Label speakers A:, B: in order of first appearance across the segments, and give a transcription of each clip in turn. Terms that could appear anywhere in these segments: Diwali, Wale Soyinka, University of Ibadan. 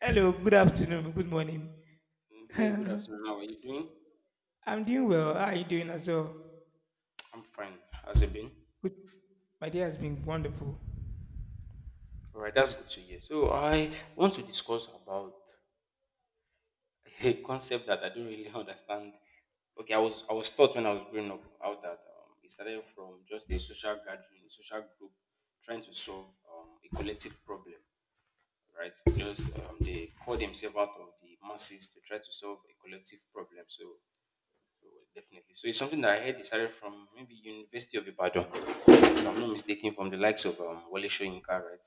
A: Hello, good afternoon, good morning.
B: Yeah, good
A: I'm
B: afternoon. How are you doing?
A: doing well. How are you doing as well?
B: I'm fine. How's it been?
A: Good. My day has been wonderful.
B: All right, that's good to hear. So I want to discuss about a concept that I don't really understand. Okay, I was taught when I was growing up out that it started from just a social gathering, social group trying to solve a collective problem, right? Just they call themselves out of the masses to try to solve a collective problem. So definitely. So it's something that I heard it started from maybe University of Ibadan, if I'm not mistaken, from the likes of Wale Soyinka, right?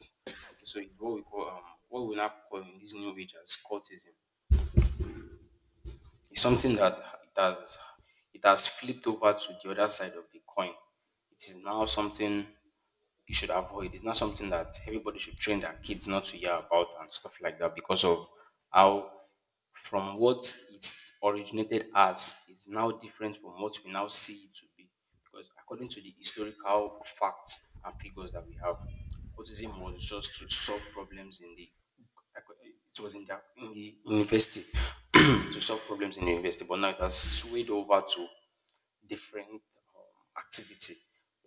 B: Okay, so it's what we call what we now call in this new age as cultism. It's something that it has flipped over to the other side of the coin. It is now something you should avoid. It's not something that everybody should train their kids not to hear about and stuff like that because of how, from what it originated as, is now different from what we now see it to be. Because according to the historical facts and figures that we have, autism was just to solve problems in the, it was in the university to solve problems in the university, but now it has swayed over to different activity.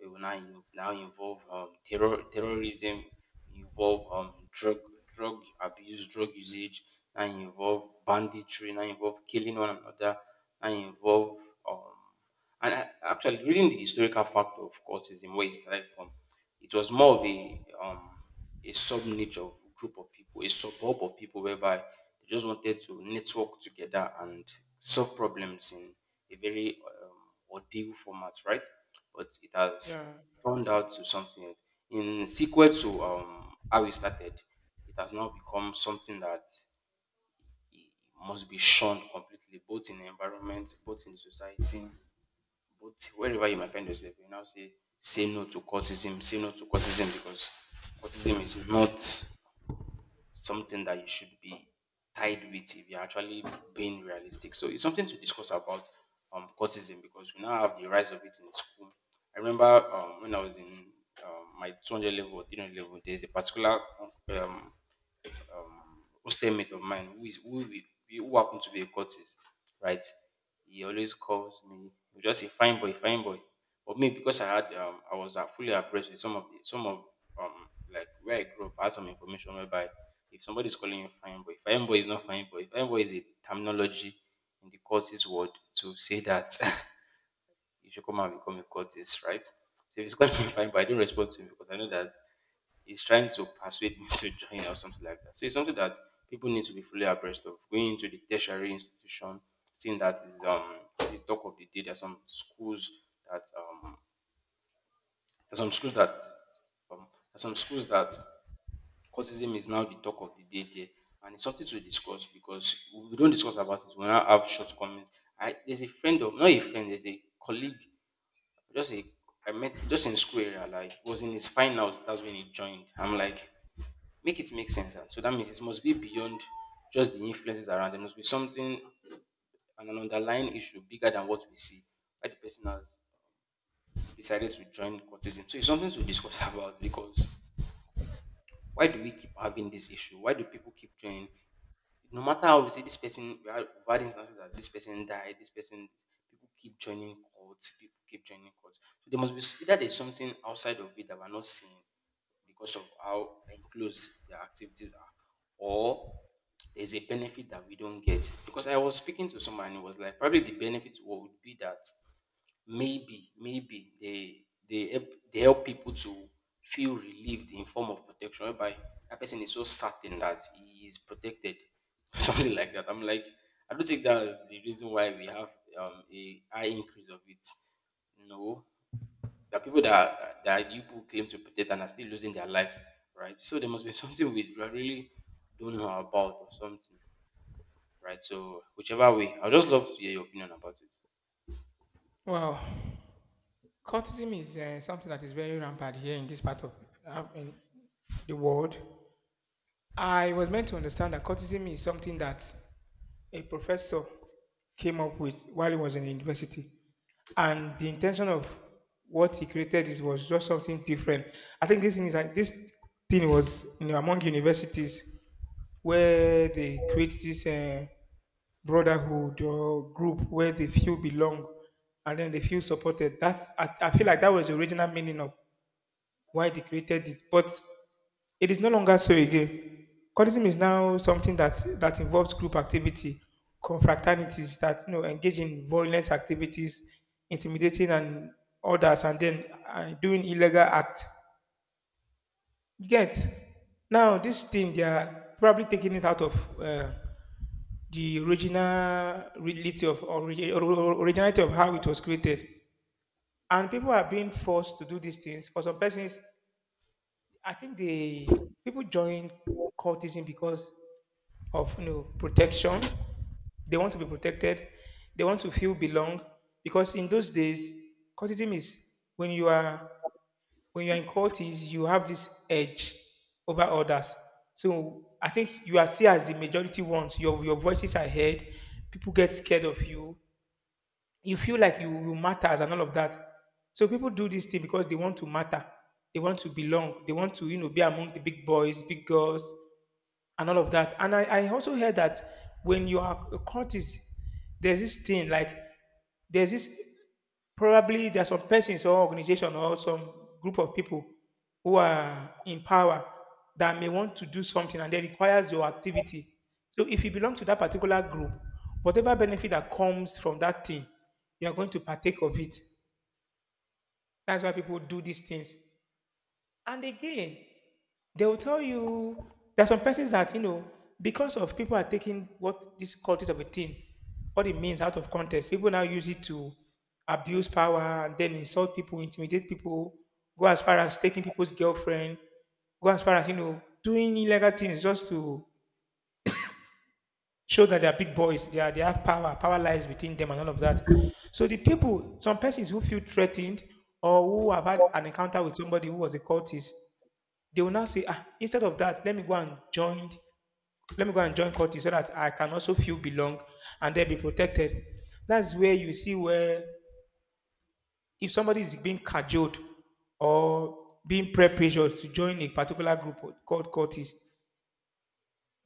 B: We will now, now involve terror, terrorism, involve drug abuse, drug usage, now involve banditry, now involve killing one another, now involve um, and I, actually reading the historical fact of cultism where it started from, it was more of a sub niche of group of people, a suburb of people whereby they just wanted to network together and solve problems in a very um, ordeal format, right? But it
A: Yeah.
B: has turned out to something in sequel to how we started. It has now become something that must be shunned completely, both in the environment, both in society, both wherever you might find yourself. You now say, say no to cultism, say no to cultism because cultism is not something that you should be tied with if you're actually being realistic. So it's something to discuss about courtism because we now have the rise of it in school. I remember when I was in my 200 level or 300 level, there's a particular um, um, hostel mate of mine who who happened to be a courtist, right? He always calls me. He was just a fine boy, fine boy. But me, because I had I was fully abreast with some of um like where I grew up, I had some information whereby if somebody is calling you fine boy is not fine boy. Fine boy is a terminology in the courtist world to say that you should come and become a courtist, right? So if he's calling me fine boy, I don't respond to him because I know that is trying to persuade me to join or something like that. So it's something that people need to be fully abreast of. Going into the tertiary institution, seeing that is the talk of the day. There's some schools that there's some schools that um there's some schools that cultism is now the talk of the day there. And it's something to discuss because we don't discuss about it. We now have shortcomings. I There's a friend of, not a friend, there's a colleague, just a, I met just in school area, like he was in his finals, that's when he joined. I'm like, make it make sense. And so that means it must be beyond just the influences around. There must be something and an underlying issue bigger than what we see. Why the person has decided to join courtism. So it's something to discuss about because why do we keep having this issue? Why do people keep joining? No matter how we say this person, we had, we've had instances that this person died, this person, people keep joining cults, people keep joining cults, so there must be either there's something outside of it that we're not seeing because of how enclosed their activities are, or there's a benefit that we don't get, because I was speaking to someone and it was like probably the benefit would be that, maybe, maybe they help, they help people to feel relieved in form of protection, whereby that person is so certain that he is protected, something like that. I'm like, I don't think that's the reason why we have a high increase of it. No, there are people that that you people claim to protect and are still losing their lives, right? So there must be something we really don't know about or something, right? So whichever way, I would just love to hear your opinion about it.
A: Well, cultism is something that is very rampant here in this part of in the world. I was meant to understand that cultism is something that a professor came up with while he was in university. And the intention of what he created is was just something different. I think this thing is like this thing was, you know, among universities where they create this brotherhood or group where the few belong and then they feel supported. That I feel like that was the original meaning of why they created it. But it is no longer so again. Codism is now something that involves group activity, confraternities that, you know, engage in violent activities, intimidating and others, and then doing illegal acts. You get now this thing they are probably taking it out of the originality of originality of how it was created, and people are being forced to do these things. For some persons, I think they people join cultism because of, you know, protection. They want to be protected. They want to feel belong because in those days, courtism is when you are in court is you have this edge over others. So I think you are seen as the majority ones. Your voices are heard. People get scared of you. You feel like you matter and all of that. So people do this thing because they want to matter. They want to belong. They want to, you know, be among the big boys, big girls and all of that. And I also heard that when you are a cultist, there's this thing like there's this probably there are some persons or organization or some group of people who are in power that may want to do something and they requires your activity. So if you belong to that particular group, whatever benefit that comes from that thing, you are going to partake of it. That's why people do these things. And again, they will tell you there are some persons that, you know, because of people are taking what this cultist of a thing what it means out of context, people now use it to abuse power and then insult people, intimidate people, go as far as taking people's girlfriend, go as far as, you know, doing illegal things just to show that they are big boys, they have power, power lies within them, and all of that. So the people, some persons who feel threatened or who have had an encounter with somebody who was a cultist, they will now say, ah, instead of that, let me go and join, let me go and join Curtis so that I can also feel belong and then be protected. That's where you see where if somebody is being cajoled or being pre-pressured to join a particular group called Curtis,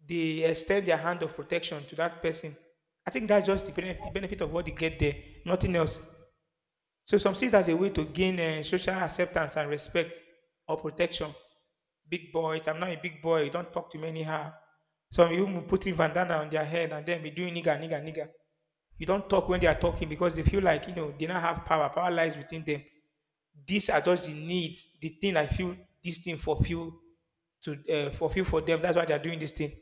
A: they extend their hand of protection to that person. I think that's just the benefit, benefit of what they get there, nothing else. So some see it as a way to gain social acceptance and respect or protection. Big boys, I'm not a big boy, don't talk to me anyhow. Some even will putting bandana on their head and then be doing nigga, nigga, nigga. You don't talk when they are talking because they feel like, you know, they not have power. Power lies within them. These are just the needs, the thing I feel this thing fulfill to fulfill for them. That's why they are doing this thing.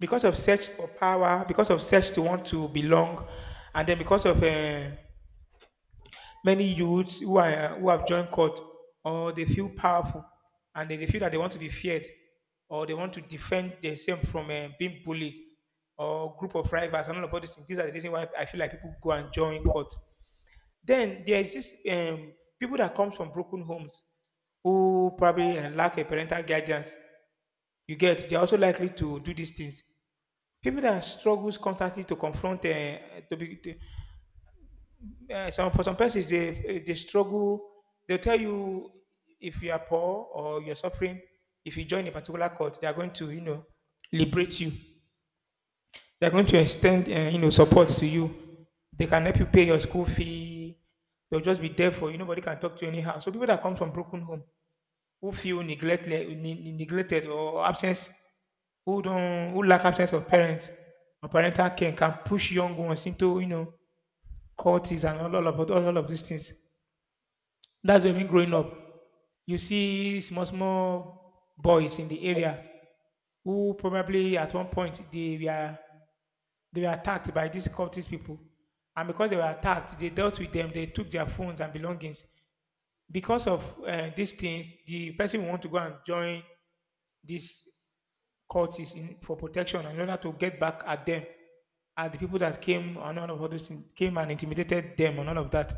A: Because of search for power, because of search to want to belong, and then because of many youths who are who have joined court, or they feel powerful, and then they feel that they want to be feared, or they want to defend themselves from being bullied, or group of rivals, and all about these things. These are the reason why I feel like people go and join court. Then there is this people that comes from broken homes, who probably lack a parental guidance. You get they are also likely to do these things. People that struggles constantly to confront to be to, some for some persons, they they struggle. They'll tell you if you are poor or you're suffering, if you join a particular cult, they are going to, you know, liberate you. They are going to extend you know support to you. They can help you pay your school fee. They'll just be there for you. Nobody can talk to you anyhow. So people that come from broken home who feel neglected, neglected or absence, who don't who lack absence of parents or parental care can push young ones into, you know, cults and all of these things. That's why when growing up, you see small, small boys in the area who probably at one point they were attacked by these cultist people, and because they were attacked, they dealt with them. They took their phones and belongings. Because of these things, the person who want to go and join these cultists in, for protection in order to get back at them, at the people that came and all of all those things came and intimidated them and all of that.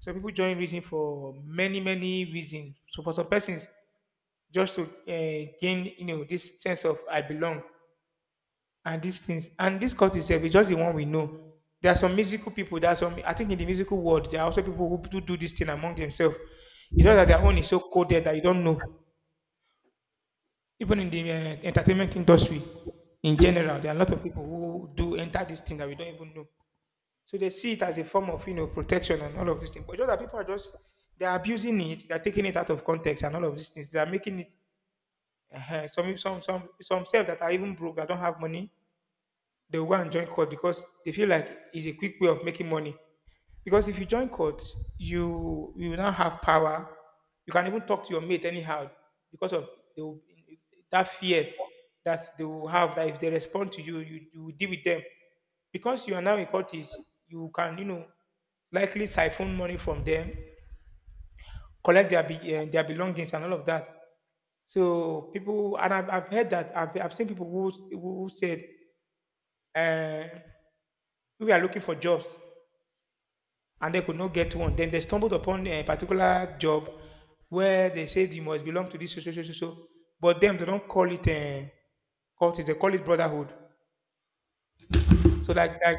A: So people join reason for many many reasons. So for some persons, just to gain, you know, this sense of I belong and these things. And this cult itself is just the one we know. There are some musical people. There are some. I think in the musical world, there are also people who do this thing among themselves. It's just that their own is so coded that you don't know. Even in the entertainment industry, in general, there are a lot of people who do enter this thing that we don't even know. So they see it as a form of, you know, protection and all of these things. But just that people are just they're abusing it, they're taking it out of context and all of these things. They're making it some self that are even broke that don't have money, they will go and join court because they feel like it's a quick way of making money. Because if you join court, you will now have power. You can even talk to your mate anyhow because of they will, that fear that they will have that if they respond to you, you will deal with them. Because you are now in court, is you can, you know, likely siphon money from them, collect their their belongings and all of that. So people, and I've heard that I've seen people who who said uh, we are looking for jobs and they could not get one. Then they stumbled upon a particular job where they said you must belong to this so so so so. So. But them they don't call it cult, they call it brotherhood. So like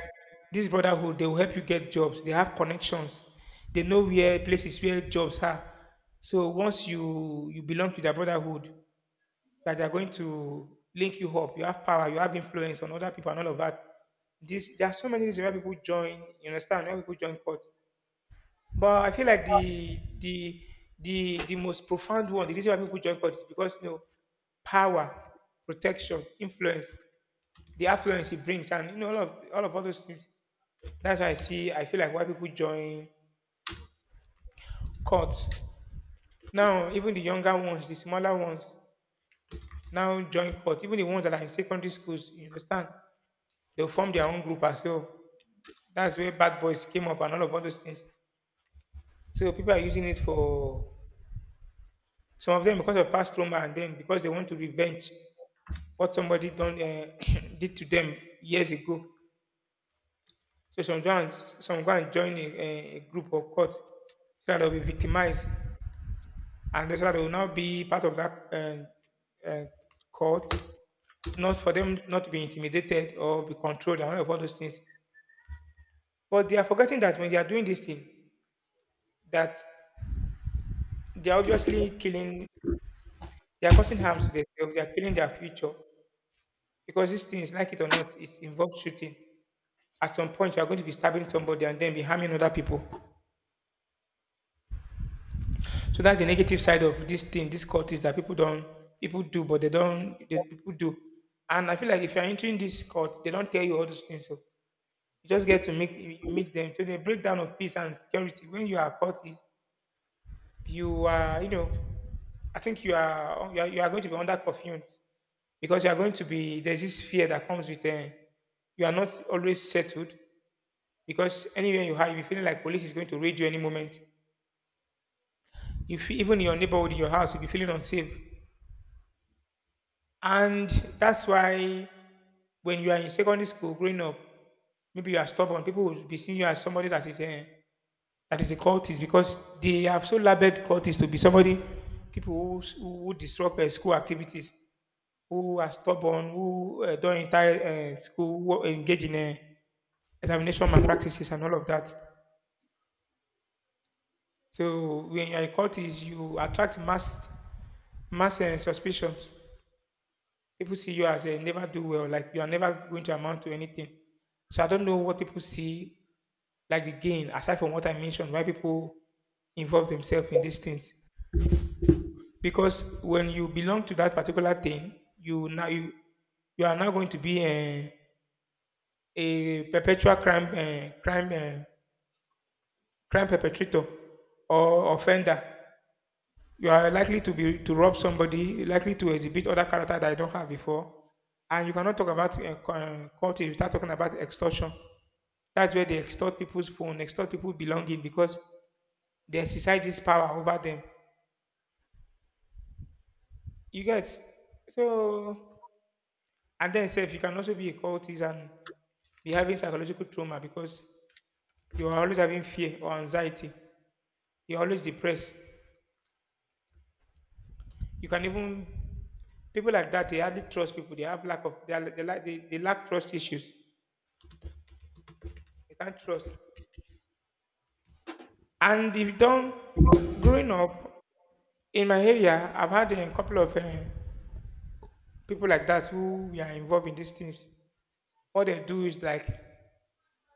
A: this brotherhood, they will help you get jobs. They have connections. They know where places where jobs are. So once you belong to their brotherhood, that they are going to link you up. You have power, you have influence on other people and all of that. This there are so many reasons why people join, you understand, why people join court. But I feel like the most profound one, the reason why people join court is because, you know, power, protection, influence, the affluence it brings, and you know all of all of all those things. That's why I see. I feel like why people join courts now. Even the younger ones, the smaller ones, now join court. Even the ones that are in secondary schools, you understand? They'll form their own group as well. That's where Bad Boys came up and all of all those things. So people are using it for some of them because of past trauma and then because they want to revenge what somebody done did to them years ago. So some join, some go and join a, a group or cult so that they'll be victimized and so that they will now be part of that cult not for them not to be intimidated or be controlled and all of all those things. But they are forgetting that when they are doing this thing, that they're obviously killing, they're causing harms to themselves, they're killing their future. Because these things, like it or not, it involves shooting. At some point, you're going to be stabbing somebody and then be harming other people. So that's the negative side of this thing, this cult is that people don't, people do, but they don't, they, people do. And I feel like if you're entering this cult, they don't tell you all those things. So you just get to meet them. So the breakdown of peace and security when you are caught is you are, I think you are, you are going to be under confidence because you are going to be, there's this fear that comes with, you are not always settled because anywhere you are, you'll be feeling like police is going to raid you any moment. You feel, even in your neighborhood, in your house, you'll be feeling unsafe. And that's why when you are in secondary school growing up, maybe you are stubborn, people will be seeing you as somebody that is a cultist because they have so labeled cultist to be somebody people who, who would disrupt school activities, who are stubborn, who don't enter school, who engage in examination malpractices and all of that. So when you are a cultist, you attract mass suspicions. People see you as a never do well, like you are never going to amount to anything. So I don't know what people see like the gain, aside from what I mentioned, why people involve themselves in these things. Because when you belong to that particular thing, you you are now going to be a perpetual crime perpetrator or offender. You are likely to be to rob somebody, likely to exhibit other character that you don't have before. And you cannot talk about culture without talking about extortion. That's where they extort people's phone, extort people belonging because they exercise this power over them, you get. So and then self, you can also be a cultist and be having psychological trauma because you are always having fear or anxiety, you're always depressed. You can even, people like that. They hardly trust people. They have lack of they are, they lack trust issues. They can't trust. And if you don't, growing up in my area, I've had a couple of people like that who were involved in these things. What they do is like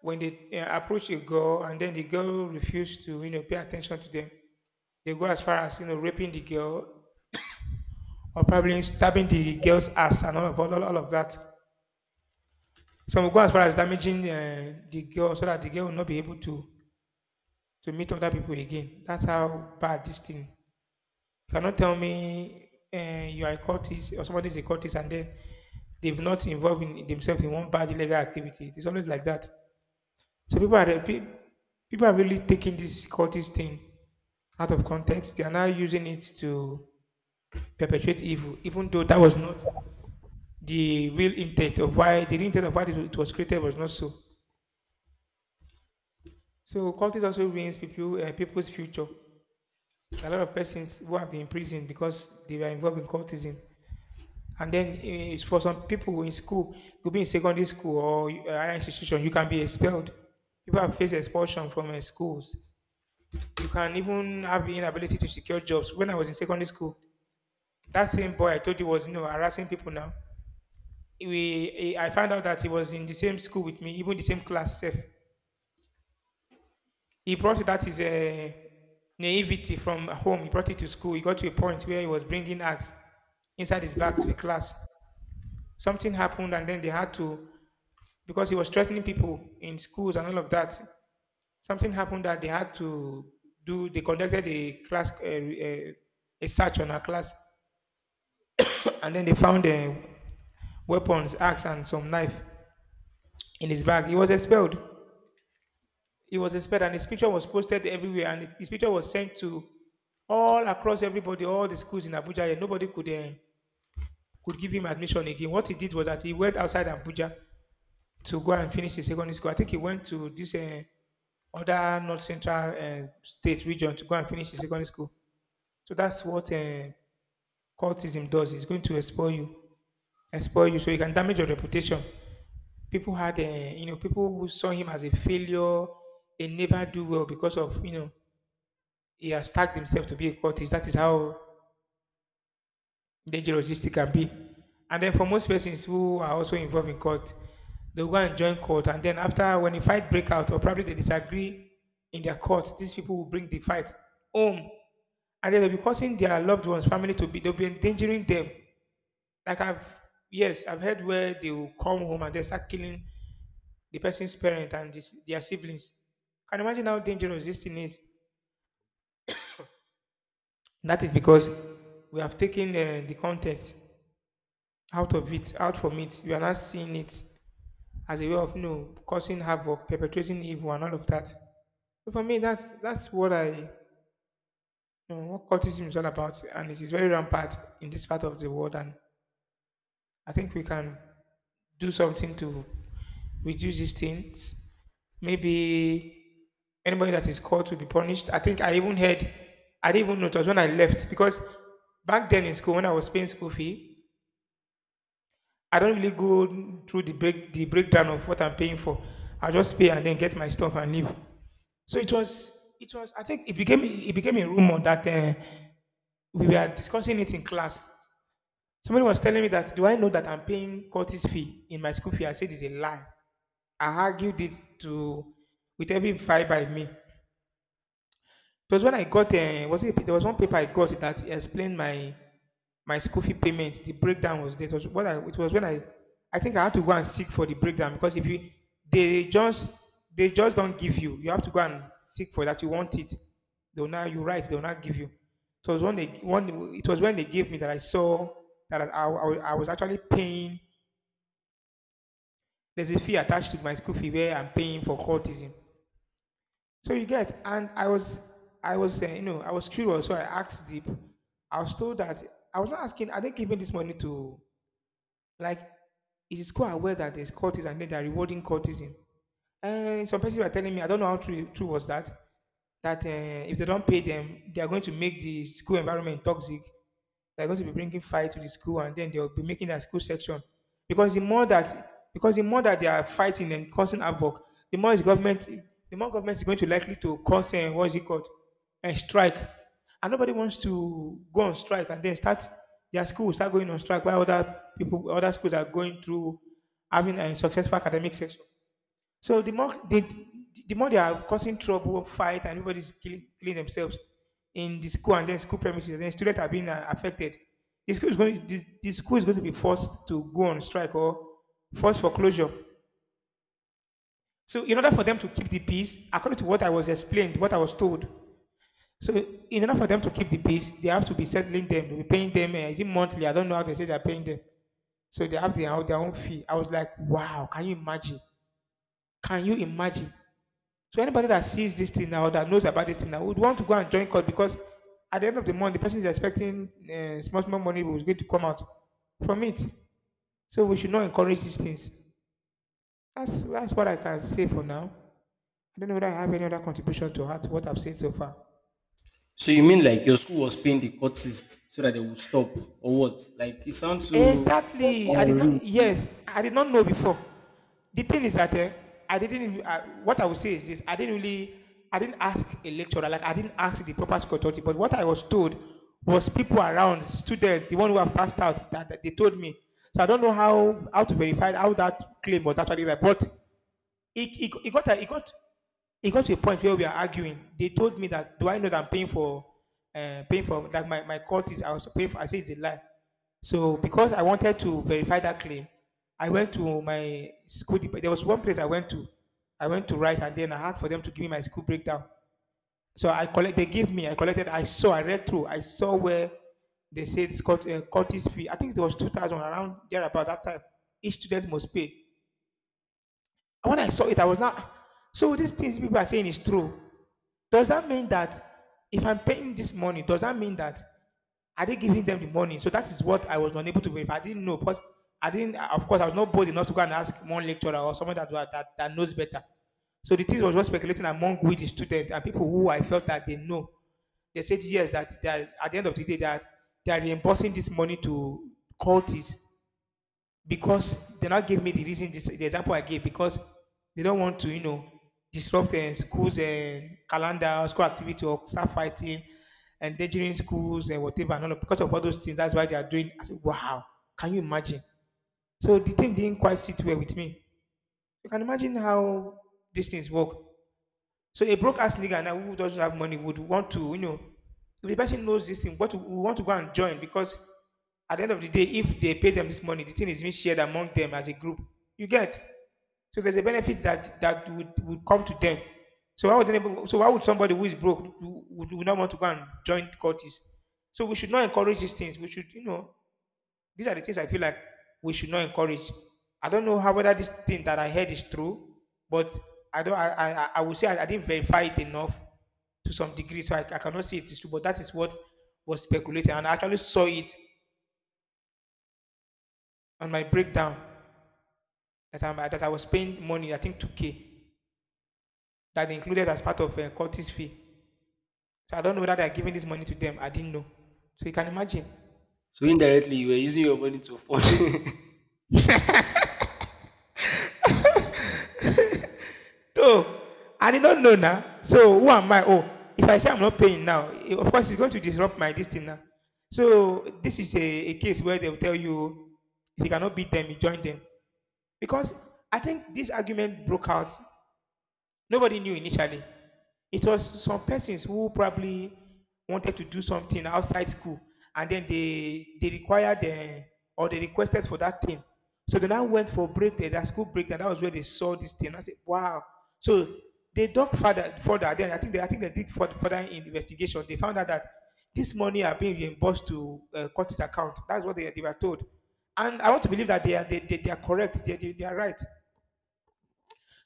A: when they approach a girl and then the girl refuses to, you know, pay attention to them, they go as far as, you know, raping the girl or probably stabbing the girl's ass and all of that. Some will go as far as damaging the girl so that the girl will not be able to meet other people again. That's how bad this thing. You cannot tell me you are a cultist or somebody is a cultist and then they've not involved in themselves in one bad illegal activity. It's always like that. So people are really taking this cultist thing out of context. They are now using it to perpetuate evil, even though that was not the real intent of why it was created was not so. So cultists also ruins people's future. A lot of persons who have been imprisoned because they were involved in cultism. And then it's for some people in school, could be in secondary school or a higher institution, you can be expelled. People have faced expulsion from schools. You can even have inability to secure jobs. When I was in secondary school, that same boy I told you was, you know, harassing people now. I found out that he was in the same school with me, even the same class, sef. He brought that his naivety from home. He brought it to school. He got to a point where he was bringing axe inside his bag to the class. Something happened, and then they had to, because he was threatening people in schools and all of that. Something happened that they had to do. They conducted a a search on our class, and then they found weapons, axe, and some knife in his bag. He was expelled. He was inspired and his picture was posted everywhere and his picture was sent to all across everybody, all the schools in Abuja. And nobody could give him admission again. What he did was that he went outside Abuja to go and finish his secondary school. I think he went to this other North Central state region to go and finish his secondary school. So that's what cultism does. It's going to expel you, so you can damage your reputation. People had, you know, people who saw him as a failure, a never do well because of, you know, he has tagged himself to be a cultist. That is how dangerous this thing can be. And then for most persons who are also involved in court, they'll go and join court. And then after when a fight break out or probably they disagree in their court, these people will bring the fight home. And then they'll be causing their loved ones, family to be, they'll be endangering them. Like I've, yes, I've heard where they will come home and they start killing the person's parent and this, their siblings. Can you imagine how dangerous this thing is? That is because we have taken the context out of it, out from it. You are not seeing it as a way of no causing havoc, perpetrating evil, and all of that. But for me, that's what I, you know, what cultism is all about, and it is very rampant in this part of the world. And I think we can do something to reduce these things. Maybe anybody that is called to be punished. I think I even heard, I didn't even notice when I left because back then in school when I was paying school fee, I don't really go through the breakdown of what I'm paying for. I just pay and then get my stuff and leave. So it was I think it became a rumor that we were discussing it in class. Somebody was telling me that do I know that I'm paying Curtis fee in my school fee? I said it's a lie. I argued it to with every fiber in me. It was when I got was it there was one paper I got that explained my school fee payment, the breakdown was there. It was what I it was when I think I had to go and seek for the breakdown because if you they just they just don't give you. You have to go and seek for that. You want it. They'll not give you. It was when they gave me that I saw that I was actually paying, there's a fee attached to my school fee where I'm paying for cultism. So you get. And I was you know, I was curious so I asked the, I was told that, I was not asking, are they giving this money to, like, it is quite aware that there's cultism and then they're rewarding cultism. Some persons were telling me, I don't know how true was that, that if they don't pay them, they are going to make the school environment toxic. They're going to be bringing fire to the school and then they'll be making their school section. Because the more that they are fighting and causing havoc, the more is government, the more government is going to likely to cause, what is it called, a strike. And nobody wants to go on strike and then start, their school, start going on strike while other people, other schools are going through having a successful academic section. So the more they are causing trouble, fight, and everybody's killing themselves in the school and then school premises, and then students are being affected. The school is going the school is going to be forced to go on strike or forced for closure. So in order for them to keep the peace, according to what I was explained, what I was told. So in order for them to keep the peace, they have to be settling them, they'll be paying them. Is it monthly? I don't know how they say they're paying them. So they have their own fee. I was like, wow, can you imagine? Can you imagine? So anybody that sees this thing now, that knows about this thing now, would want to go and join court because at the end of the month, the person is expecting small, small money was going to come out from it. So we should not encourage these things. That's what I can say for now. I don't know whether I have any other contribution to add to what I've said so far.
B: So you mean like your school was paying the courtist so that they would stop or what? Like it sounds so
A: Exactly. I did
B: unreal.
A: not. Yes, I did not know before. The thing is that I didn't. Re- what I would say is this: I didn't really. I didn't ask a lecturer. Like I didn't ask the proper school authority. But what I was told was people around, students, the one who have passed out, that they told me. So I don't know how to verify how that claim was actually right. But it, it, it got a, it got it got to a point where we are arguing. They told me that do I know that I'm paying for paying for that my court is I was paying for I say it's a lie. So because I wanted to verify that claim, I went to my school. There was one place I went to. I went to write and then I asked for them to give me my school breakdown. So I collect they gave me, I collected, I saw, I read through, I saw where they said Scott, Curtis fee. I think it was 2000 around there about that time. Each student must pay. And when I saw it, I was not. So these things people are saying is true. Does that mean that if I'm paying this money, does that mean that are they giving them the money? So that is what I was unable to verify. I didn't know, but I didn't. Of course, I was not bold enough to go and ask one lecturer or someone that that knows better. So the things was just speculating among with the students and people who I felt that they know. They said yes that they are, at the end of the day that they are reimbursing this money to cultists because they not give me the reason, this, the example I gave, because they don't want to, you know, disrupt schools and calendar, school activity, or start fighting, endangering schools and whatever. And all of, because of all those things, that's why they are doing. I said, wow, can you imagine? So the thing didn't quite sit well with me. You can imagine how these things work. So a broke-ass nigga now who doesn't have money would want to, you know, if the person knows this thing, what we want to go and join because at the end of the day, if they pay them this money, the thing is being shared among them as a group. You get. So there's a benefit that would come to them. So why would anybody, so why would somebody who is broke would not want to go and join the cultists? So we should not encourage these things. We should, you know, these are the things I feel like we should not encourage. I don't know how whether this thing that I heard is true, but I don't. I would say I didn't verify it enough to some degree, so I cannot say it is true. But that is what was speculated, and I actually saw it on my breakdown that I was paying money. I think two k that they included as part of Curtis fee. So I don't know whether they are giving this money to them. I didn't know. So you can imagine.
B: So indirectly you were using your money to afford.
A: So, and he don't know now. So, who am I? Oh, if I say I'm not paying now, of course, it's going to disrupt my this now. So, this is a case where they'll tell you if you cannot beat them, you join them. Because I think this argument broke out. Nobody knew initially. It was some persons who probably wanted to do something outside school, and then they required the or they requested for that thing. So they now went for break there, that school break, and that was where they saw this thing. I said, "Wow!" So they dug further, further. Then I think they did further investigation. They found out that this money are being reimbursed to Curtis account. That's what they were told, and I want to believe that they are they are correct. They are right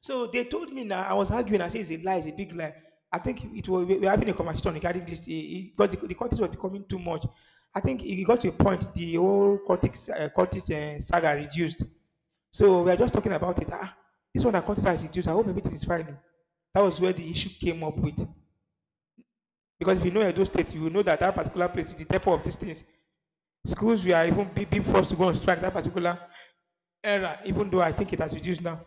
A: so they told me now. I was arguing. I said it's a lie. It's a big lie. I think it was we were having a conversation regarding this. Because the cortex was becoming too much. I think it got to a point. The whole cortex cortex saga reduced. So we are just talking about it. Ah, this one that cortex has reduced. I hope everything is fine. That was where the issue came up with. Because if you know Edo State, you will know that that particular place is the depot of these things. Schools we are even being forced to go on strike that particular era, even though I think it has reduced now.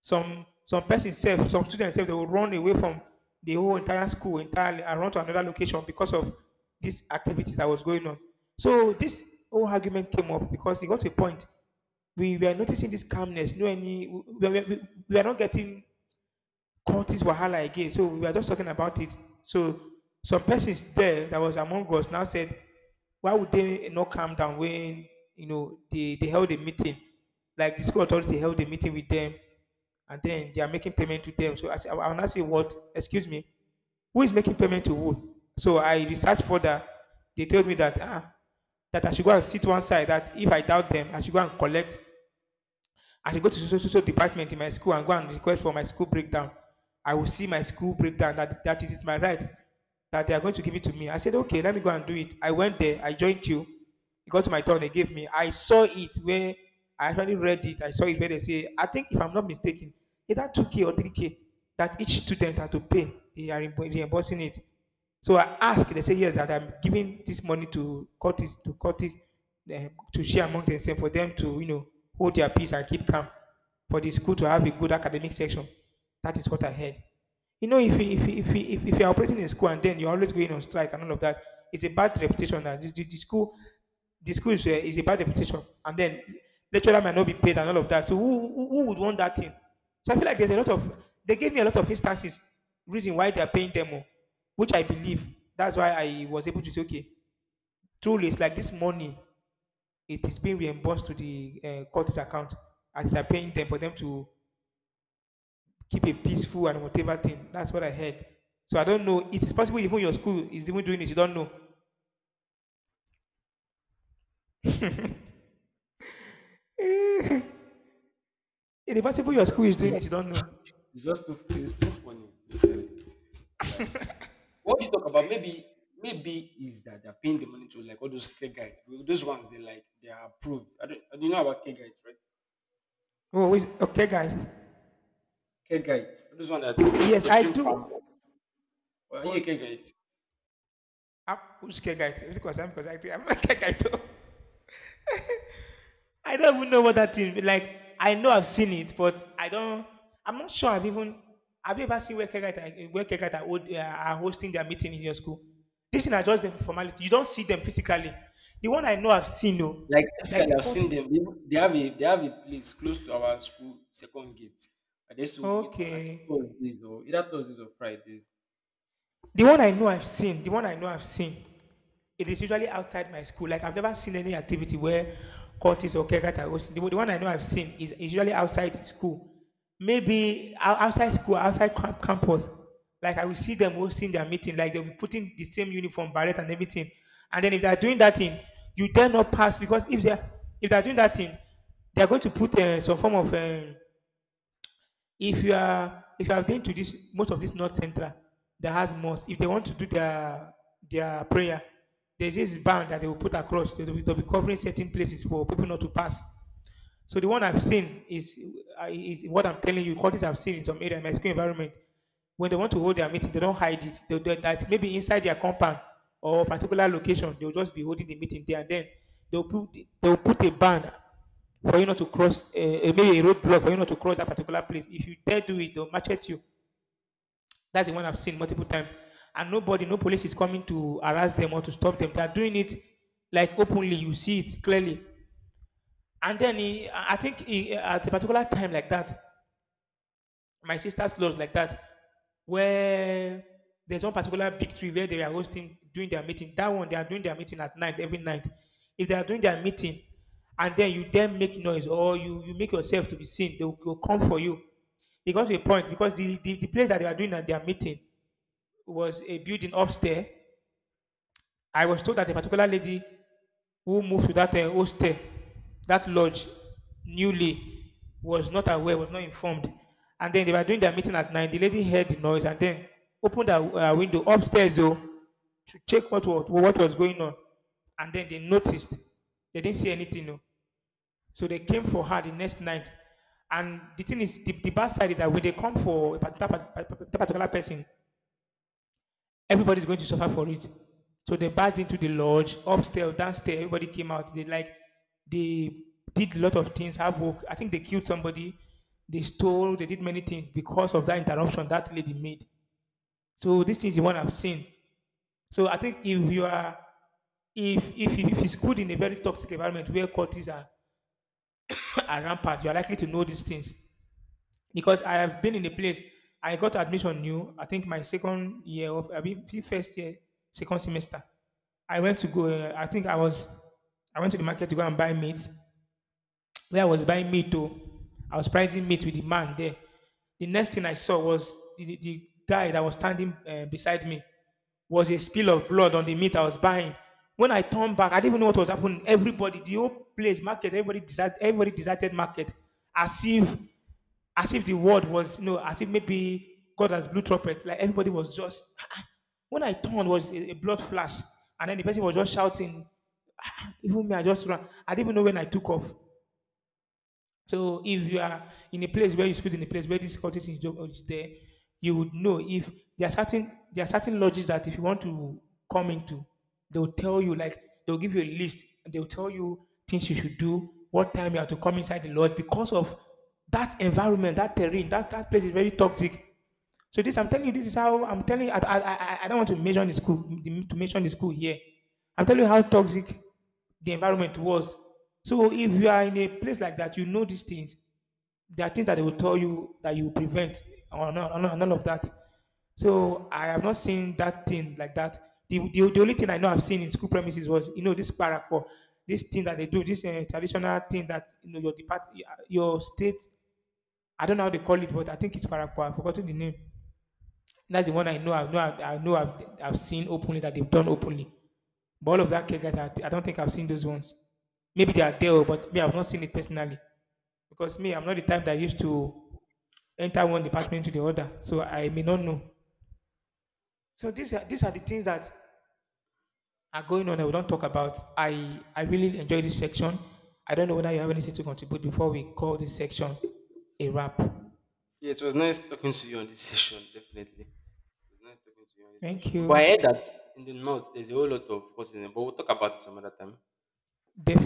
A: Some person self, some students self, they will run away from the whole entire school entirely and run to another location because of these activities that was going on. So this whole argument came up because it got to a point. We were noticing this calmness, no any, we are not getting Cultist wahala again. So we were just talking about it. So some persons there that was among us now said, why would they not calm down when you know they held a meeting? Like the school authority held a meeting with them and then they are making payment to them. So I said, I will not say what, excuse me, who is making payment to who? So I researched further. They told me that ah, that I should go and sit one side. That if I doubt them, I should go and collect I should go to social department in my school and go and request for my school breakdown. I will see my school breakdown that it is my right, that they are going to give it to me. I said, okay, let me go and do it. I went there, I joined you. It got to my turn, they gave me. I saw it where I actually read it. I saw it where they say, I think if I'm not mistaken, either 2K or 3K that each student had to pay. They are reimbursing it. So I asked, they say, yes, that I'm giving this money to Curtis, to Curtis, to share among themselves for them to, you know, hold their peace and keep calm for the school to have a good academic section. That is what I heard. You know, if if you're operating in school and then you're always going on strike and all of that, it's a bad reputation that the school is a bad reputation, and then lecturer might not be paid and all of that. So who would want that thing? So I feel like there's a lot of they gave me a lot of instances reason why they are paying them more, which I believe that's why I was able to say okay, truly it's like this money it is being reimbursed to the court's account as they are paying them for them to keep a peaceful and whatever thing. That's what I heard. So I don't know. It is possible even your school is even doing it. You don't know. It is possible
B: It's
A: your
B: just,
A: school is
B: it's,
A: doing it. You don't know.
B: it's just too, it's too funny. Sincerely. Like what you talk about, maybe, maybe is that they're paying the money to like all those care guides. Well, those ones, they like they are approved. I don't know about care guides, right?
A: Oh, wait, okay, guys.
B: Care guides. Those ones that
A: Yes,
B: they
A: I
B: drink
A: do.
B: palm. Well, are you a
A: But
B: care guide?
A: I'm, which Kegaito? Which concern because I think I'm not Kegaito. I don't even know what that thing. Like I know I've seen it, but I don't. I'm not sure I've even. Have you ever seen where Kegaita hold, are hosting their meeting in your school? This thing are just the formality. You don't see them physically. The one I know I've seen, no,
B: Like
A: like
B: physically,
A: the
B: I've seen
A: cutting.
B: them. They have a, they have a place close to our school second gate. I, they used to meet on, I think
A: Okay.
B: Thursdays or either Thursdays or Fridays.
A: The one I know I've seen. The one I know I've seen it is usually outside my school. Like I've never seen any activity where courtists or caregiver are hosting. The one I know I've seen is usually outside school. Maybe outside school, outside campus. Like I will see them hosting their meeting. Like they'll be putting the same uniform, beret and everything. And then if they're doing that thing, you dare not pass because if they're doing that thing, they're going to put some form of if you are if you have been to this most of this north central that has mosque if they want to do their prayer, there's this band that they will put across. They'll be covering certain places for people not to pass. So the one I've seen is what I'm telling you. Qualities I've seen in some area, in my school environment. When they want to hold their meeting, they don't hide it. They do that maybe inside their compound or a particular location. They'll just be holding the meeting there, and then they'll put a ban for you not to cross a, maybe a roadblock for you not to cross that particular place. If you dare do it, they'll match at you. That's the one I've seen multiple times, and nobody, no police is coming to harass them or to stop them. They're doing it like openly. You see it clearly, and then he, I think he, at a particular time like that, my sister's clothes like that, where there's one particular big tree where they are hosting doing their meeting. That one they are doing their meeting at night every night. If they are doing their meeting, and then you then make noise or you make yourself to be seen, they will come for you. Because of a point, because the place that they are doing at their meeting was a building upstairs. I was told that a particular lady who moved to that hostel, that lodge, newly, was not aware, was not informed. And then they were doing their meeting at nine. The lady heard the noise and then opened her window upstairs, oh, to check what was going on. And then they noticed. They didn't see anything. Oh. So they came for her the next night. And the thing is, the bad side is that when they come for a particular person, everybody's going to suffer for it. So they barged into the lodge, upstairs, downstairs. Everybody came out. They, like, they did a lot of things. Havoc. I think they killed somebody. They stole. They did many things because of that interruption that lady made. So this is the one I've seen. So I think if you are, if it's good in a very toxic environment where cultists are rampant, you are likely to know these things because I have been in a place. I got admission new. I think my second year of I mean first year, second semester. I went to go. I think I was, I went to the market to go and buy meat where I was buying meat though. I was pricing meat with the man there. The next thing I saw was the guy that was standing beside me, was a spill of blood on the meat I was buying. When I turned back, I didn't even know what was happening. Everybody, the whole place, market, everybody deserted market, as if, as if the word was, you know, as if maybe God has blew trumpet. Like everybody was just. Ah. When I turned, was a blood flash, and then the person was just shouting. Ah. Even me, I just ran. I didn't even know when I took off. So if you are in a place where you school, in a place where this culture is is there, you would know if there are certain, there are certain lodges that if you want to come into, they'll tell you, like, they'll give you a list. They'll tell you things you should do, what time you have to come inside the lodge because of that environment, that terrain, that that place is very toxic. So this, I'm telling you, this is how I'm telling you. I don't want to mention the school here. I'm telling you how toxic the environment was. So if you are in a place like that, you know these things. There are things that they will tell you that you prevent or none, or none of that. So I have not seen that thing like that. The only thing I know I've seen in school premises was, you know, this parapor, this thing that they do, this traditional thing that, you know, your depart, your state, I don't know how they call it, but I think it's parapor. I've forgotten the name. That's the one I know. I know. I know. I've seen openly that they've done openly. But all of that cake that I don't think I've seen those ones. Maybe they are there, but me, I've not seen it personally because me, I'm not the type that used to enter one department to the other, so I may not know. So these are the things that are going on that we don't talk about. I really enjoy this section. I don't know whether you have anything to contribute before we call this section a wrap.
B: Yeah, it was nice talking to you on this session, definitely. It was nice talking to you on this
A: Thank
B: session. But
A: you.
B: I heard that in the north there's a whole lot of forces, but we'll talk about it some other time.
A: Definitely.